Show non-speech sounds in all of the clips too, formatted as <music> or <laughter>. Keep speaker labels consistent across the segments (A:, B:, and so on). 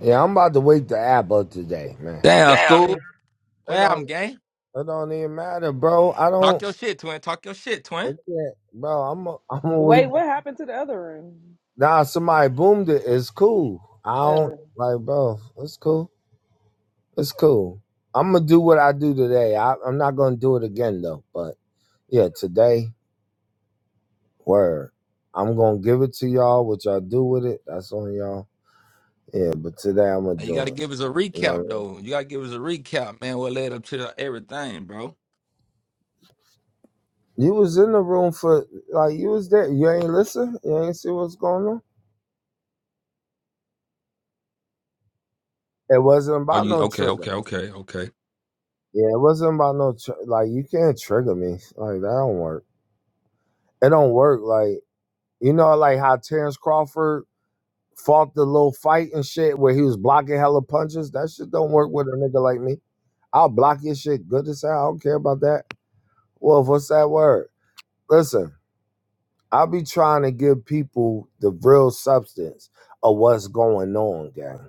A: Yeah, I'm about to wake the app up today, man.
B: Damn,
A: Damn.
B: school.
A: it
B: Where I'm
A: don't
B: gang.
A: it don't even matter, bro. I
B: Talk
A: don't
B: your shit, twin. Talk your shit,
A: I
B: twin.
A: can't, bro. I'm a, <laughs> I'm a wake.
C: Wait, what happened to the other room?
A: Nah, somebody boomed it. It's cool. I
C: Uh,
A: don't like, bro. It's cool. It's cool. I'm gonna do what I do today. I, I'm not gonna do it again though. But yeah, today, word. I'm gonna give it to y'all. What y'all do with it? That's on y'all. Yeah, but today I'm gonna
B: Now, you gotta
A: do it.
B: give us a
A: You know, what I
B: recap
A: mean?
B: though. You gotta give us a recap, man. What led up to the- everything, bro?
A: you was in the room for like you was there. You ain't listen. You ain't see what's going on. It wasn't
B: Oh,
A: about
B: you
A: no
B: okay? Okay,
A: trigger.
B: okay, okay.
A: Yeah, it wasn't about no tr- like you can't trigger me. Like that don't work. It don't work. Like you know, like how Terrence Crawford fought the little fight and shit where he was blocking hella punches. That shit don't work with a nigga like me. I'll block your shit good as hell. I don't care about that. Wolf, what's that word? Listen, I'll be trying to give people the real substance of what's going on, gang.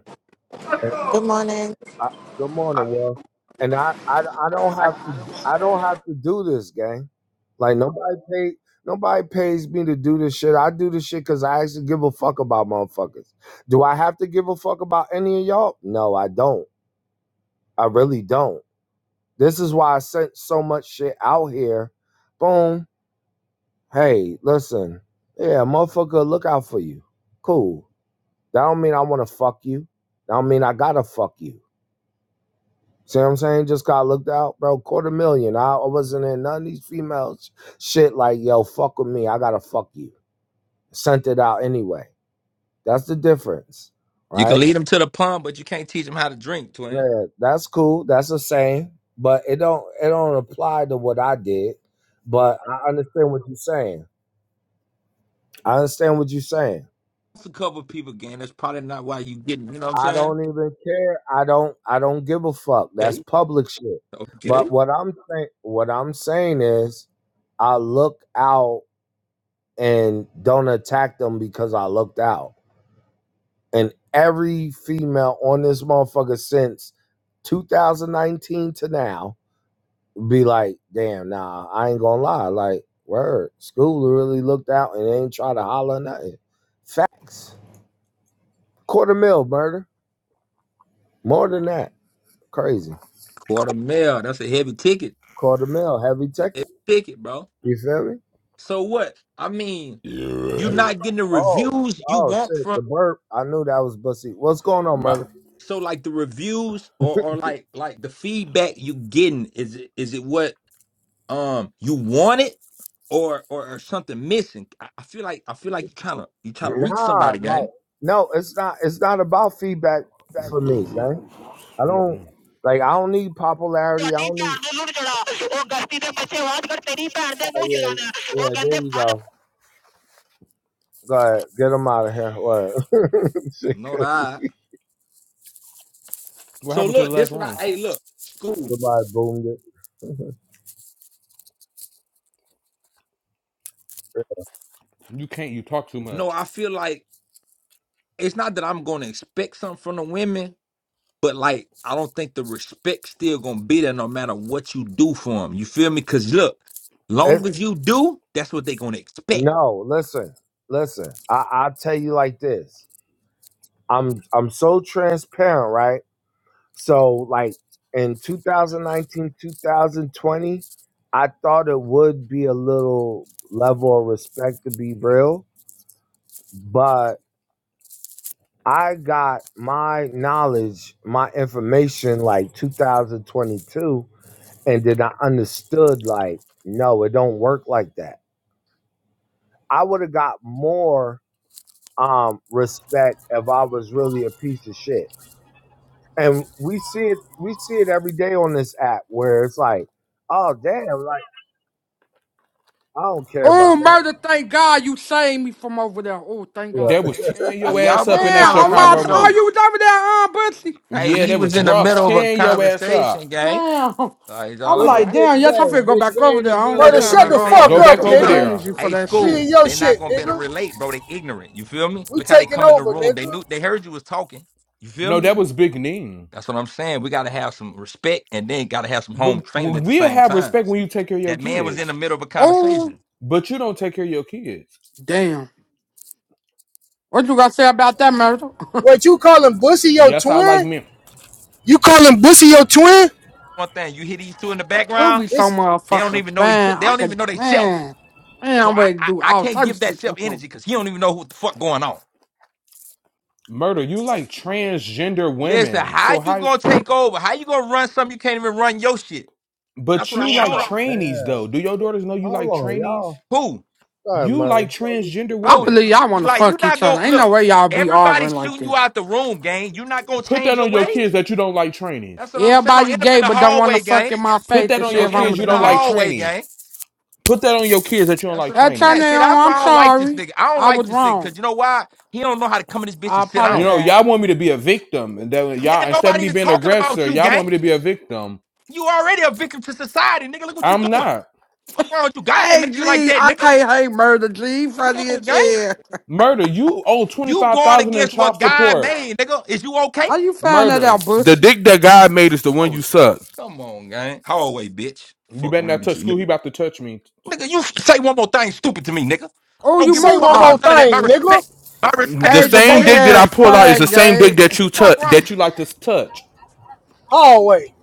D: Good morning.
A: I, good morning, Will. And I, I, I don't have to, I don't have to do this, gang. Like nobody pay, nobody pays me to do this shit. I do this shit because I actually give a fuck about motherfuckers. Do I have to give a fuck about any of y'all? No, I don't. I really don't. This is why I sent so much shit out here. Boom. Hey, listen. Yeah, motherfucker, look out for you. Cool. That don't mean I want to fuck you. That don't mean I gotta fuck you. See what I'm saying? Just got looked out, bro. Quarter million. I I wasn't in none of these females shit like, yo, fuck with me. I gotta fuck you. Sent it out anyway. That's the difference.
B: You can
A: Right?
B: lead them to the pump, but you can't teach them how to drink, twin.
A: Yeah, that's cool. That's the same. But it don't it don't apply to what I did. But I understand what you're saying. I understand what you're saying.
B: It's a couple people, gang. That's probably not why you getting. You know what I'm
A: I
B: saying?
A: don't even care. I don't I don't give a fuck. That's
B: Okay,
A: public shit. But
B: okay.
A: what I'm saying what I'm saying is I look out and don't attack them because I looked out. And every female on this motherfucker since 2019 to now be like, damn, nah, I ain't gonna lie. Like, word, school really looked out and ain't try to holler nothing. Facts. Quarter mil murder. More than that. Crazy.
B: Quarter mil. That's a heavy ticket.
A: Quarter mil, heavy
B: It's a
A: ticket.
B: heavy ticket, bro.
A: You feel me?
B: So what? I mean, you
E: Yeah.
B: not getting the
A: Oh,
B: reviews you
A: oh
B: want
A: shit,
B: from.
A: the burp. I knew that was bussy. What's going on,
E: My,
A: murder?
B: so like the reviews or or like like the feedback you getting is it is it what um you wanted or or, or something missing? I, I feel like I feel like you kind of you trying to reach
A: Nah,
B: somebody,
A: like
B: gang.
A: no, it's not. It's not about feedback for me, man. I don't like. I don't need popularity. I
F: Oni
A: don't
F: pe
A: need.
F: arda lour choda. O gasti the bachhe waj kar teri pe arda
A: Oh,
F: mou chala na.
A: yeah,
F: O
A: yeah. There
F: gande
A: you
F: bana.
A: go. Go ahead, get them out of here. Word. <laughs> Shit,
B: No, that.
A: crazy.
E: what
B: So
E: happened to the
B: look,
E: last
B: this what I
E: room?
B: hey look school.
A: Somebody boomed it. <laughs>
E: You can't. You talk too
B: No,
E: much.
B: I feel like it's not that I'm going to expect something from the women, But like, I don't think the respect still gonna be there no matter what you do for them. You feel me? Cause look,
A: It-
B: long as you do, that's what they gonna expect.
A: no, listen, listen. I I tell you like this. I'm I'm so transparent, right? So like in 2019, 2020, I thought it would be a little level of respect to be real, but I got my knowledge, my information like 2022 and then I understood like no, it don't work like that. I would have got more um respect if I was really a piece of shit. And we see it we see it every day on this app where it's like oh damn I don't care about
G: Oh,
A: that.
G: murder, thank God you saved me from over there. Oh, thank
A: Look,
G: God.
E: That
G: Yeah.
E: was tearing
B: Hey,
E: your
B: y'all
E: ass
G: Damn,
E: up
B: being
E: in that
B: kind of
G: oh
E: Chicago
G: my,
B: rude
G: oh,
E: room.
B: though.
G: you was over there, huh, Bussy.
B: Hey,
E: Yeah,
B: he
E: that
B: was
E: was
B: in the
E: Ross
B: middle of a
E: tearing your ass up.
B: conversation, gang.
G: Damn.
B: Uh, is
G: I
B: all
G: was
A: look
B: all
A: at
G: like,
A: Big
B: right?
G: damn, yes, I'm
A: Bay.
G: finna go
A: Big
G: back
A: Bay
G: over
A: in
G: there.
A: the
G: I don't
B: See,
G: got
H: Murder,
A: building.
B: that's
G: time
B: what
G: to
H: shut
G: be
B: I'm
H: the
G: on. I
B: saying.
H: fuck
G: don't
E: Go
G: got
H: up,
E: back
G: the
B: See,
E: over
A: Yeah.
B: look,
H: nigga.
E: there.
G: energy for
B: hey,
G: that
H: We
B: school,
G: shit.
H: in your
B: they are not
H: shit,
B: gonna be able to
H: nigga.
B: relate, bro. They ignorant. You feel me?
H: We
B: Look how they
H: taking
B: come in the
H: over,
B: room. They
H: nigga.
B: knew they heard you was talking. You feel
E: No,
B: me?
E: that was Big Neen.
B: That's what I'm saying. We got to have some respect and then got to have some home
E: But
B: training at the
E: we'll
B: same
E: have
B: time.
E: respect when you take care of your
B: That man was in the
E: kids.
B: middle of a
G: Oh,
B: conversation.
E: But you don't take care of your kids.
G: damn. What you gotta say about that, murder?
H: What you calling Bussy your
E: Yes, I like
H: twin?
E: men.
H: You calling Bussy your twin?
B: One thing, you hear these two in the
G: You be
B: background,
G: so
H: This
B: they don't
G: motherfucker.
B: even know each they
G: Man, I
B: don't
G: could,
B: even know they self.
G: man. Man,
B: So
G: I'm
B: I,
G: ready to
B: I,
G: do
B: I
G: all
B: can't give
G: types of
B: that
G: shit.
B: self energy because he don't even know what the fuck going on.
E: Murder, you like transgender
B: Listen,
E: women.
B: how
E: So
B: you
E: how?
B: gonna take over? How you gonna run something you can't even run your shit? That's
E: But
B: what I
E: you
B: want to
E: like
A: Shoot 'em.
B: know.
E: trainees
A: Yeah.
E: though. Do your daughters know you like
A: Hold on,
E: trainees?
A: y'all.
B: Who?
A: Sorry,
E: You like
A: motherfucker.
E: transgender
G: I
B: Bro,
E: women.
G: believe
B: you,
G: y'all
B: you-
G: wanna
B: like you
G: fuck
B: not
G: each other.
B: gonna
G: Ain't no
B: look,
G: way y'all be
B: everybody's
G: arguing like
B: shooting you
G: this.
B: out the room, gang. you not gonna
E: Put
B: change
E: that
B: your
E: on your
B: ways.
E: kids that you don't like
B: That's
E: trainees.
B: what I'm saying. Don't
G: Everybody
B: end up
G: gay
B: in the
G: but don't wanna
B: hallway,
G: fuck
B: gang.
G: in my
E: Put
G: face
E: that
G: and
E: on
G: see
E: your
B: Don't
G: if
B: end
G: I'm a
E: kids
B: up
E: you
B: in the
E: don't
G: joint.
E: like
B: hallway,
E: trainees.
B: gang.
E: Put that on your kids that you don't
B: That's
E: like
B: what I'm saying.
E: trainees.
G: Antonio,
B: See, that's why
G: I'm
B: I don't like this
G: sorry.
B: nigga. I don't
G: I
B: like
G: was
B: this nigga
G: wrong.
B: because you know why? He don't know how to come in this bitch
G: I
B: and sit
E: You
B: down.
E: know,
G: apologize.
E: y'all want me to be a victim, and that y'all
B: Nigga,
E: instead of
B: nobody
E: me
B: even
E: being an
B: talking about
E: aggressor,
B: you,
E: y'all
B: gang.
E: want me to be a victim.
B: You already a victim to society, nigga. Look what you
E: I'm
B: doing.
E: not.
B: Fuck wrong with you. God ain't
G: Hey,
B: make you like
G: G,
B: that,
G: I
B: nigga.
G: can't hate murder, G.
B: Come
G: Funny
B: on,
G: as
B: gang.
G: hell.
E: Murder, you owe twenty
B: You
E: five
B: going
E: thousand dollars
B: against
E: in child
B: what God
E: support.
B: made, nigga. Is you
G: How
B: okay?
G: you find that
E: Murder.
G: out,
E: The
G: Bush?
E: dick that God made is the one
B: Oh,
E: you
B: no.
E: suck.
B: come on, gang. Hallway, bitch.
E: You
B: Fuck
E: better
B: around
E: not
B: with
E: touch
B: you,
E: school. He
B: nigga.
E: about to touch me.
B: Nigga, you say one more thing stupid to me, nigga.
G: Oh,
B: Don't
G: you
B: give a
H: say
G: moved?
B: fuck
H: one more
G: Oh.
B: about none of that. My
H: thing,
B: respect.
H: nigga.
B: My respect
E: The
B: is
G: Hey,
B: before
E: same dick
G: today
E: that I
G: is
B: anything. Fuck,
E: pull out
B: nigga.
E: is the same dick
G: Friday.
E: that you
G: <laughs>
B: fuck
E: touch
B: wrong?
E: that you like to touch.
H: Hallway.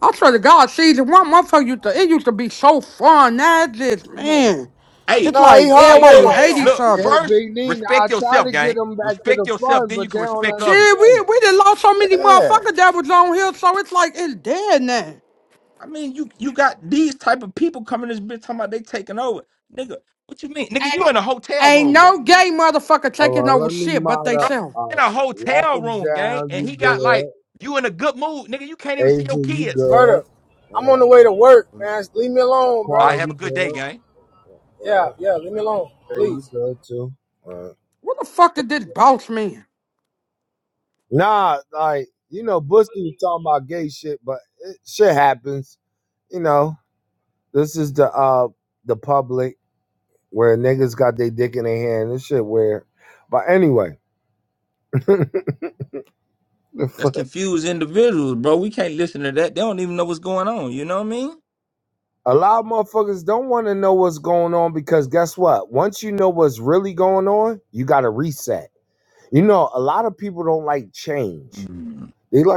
G: I swear to God, season one, motherfucker, used to, it used to be so fun. Now it's just,
B: Come on, gang.
G: man,
B: Hey,
G: it's
H: Nah, he
G: like
B: hey,
G: everybody
H: hallwayed
B: look,
H: him.
G: hate each
B: look.
G: other.
A: Yeah,
B: First,
A: Big Nina. I
B: respect
A: try
B: yourself,
A: to get
B: gang.
A: them back to the
B: Respect yourself,
A: front,
B: then
A: but
B: you
A: they
B: can
A: don't
B: respect others.
G: Shit,
A: understand
G: we,
A: it.
G: we done lost so many
A: Yeah.
G: motherfuckers that was on here, so it's like it's dead now.
B: I mean, you you got these type of people coming this bitch talking about they taking over, nigga. What you mean, nigga? You in a hotel
G: Ain't
B: room, gang?
G: no gay motherfucker
A: Hold
G: taking
A: on,
G: over
A: let me
G: shit but
A: mod
G: they
B: Bro,
A: up.
G: self.
A: All
B: in
A: right.
B: a
A: Walk
B: hotel
A: them
B: room, gang,
A: down. You
B: and he got like
A: good.
B: you in a good mood, nigga. You can't even see your
A: Asia, you
B: kids.
A: good.
H: Murder. I'm on
A: Hold
H: the
A: on.
H: way to work, man. Leave me alone, bro.
B: I
A: Quan,
B: have a
A: you
B: good day,
A: good.
B: gang.
A: All
H: Yeah,
A: right.
H: yeah, leave me alone,
A: Hey, you
H: please.
A: good too. All right.
G: What the fuck did this boss man?
A: Nah, like you know, Boosie was talking about gay shit, but it, shit happens. You know, this is the uh the public where niggas got their dick in their hand. This shit weird. But anyway, <laughs> the
B: That's
A: fuck.
B: confused individuals, bro. We can't listen to that. They don't even know what's going on. You know what I mean?
A: A lot of motherfuckers don't want to know what's going on because guess what? Once you know what's really going on, you got to reset. You know, a lot of people don't like change. They like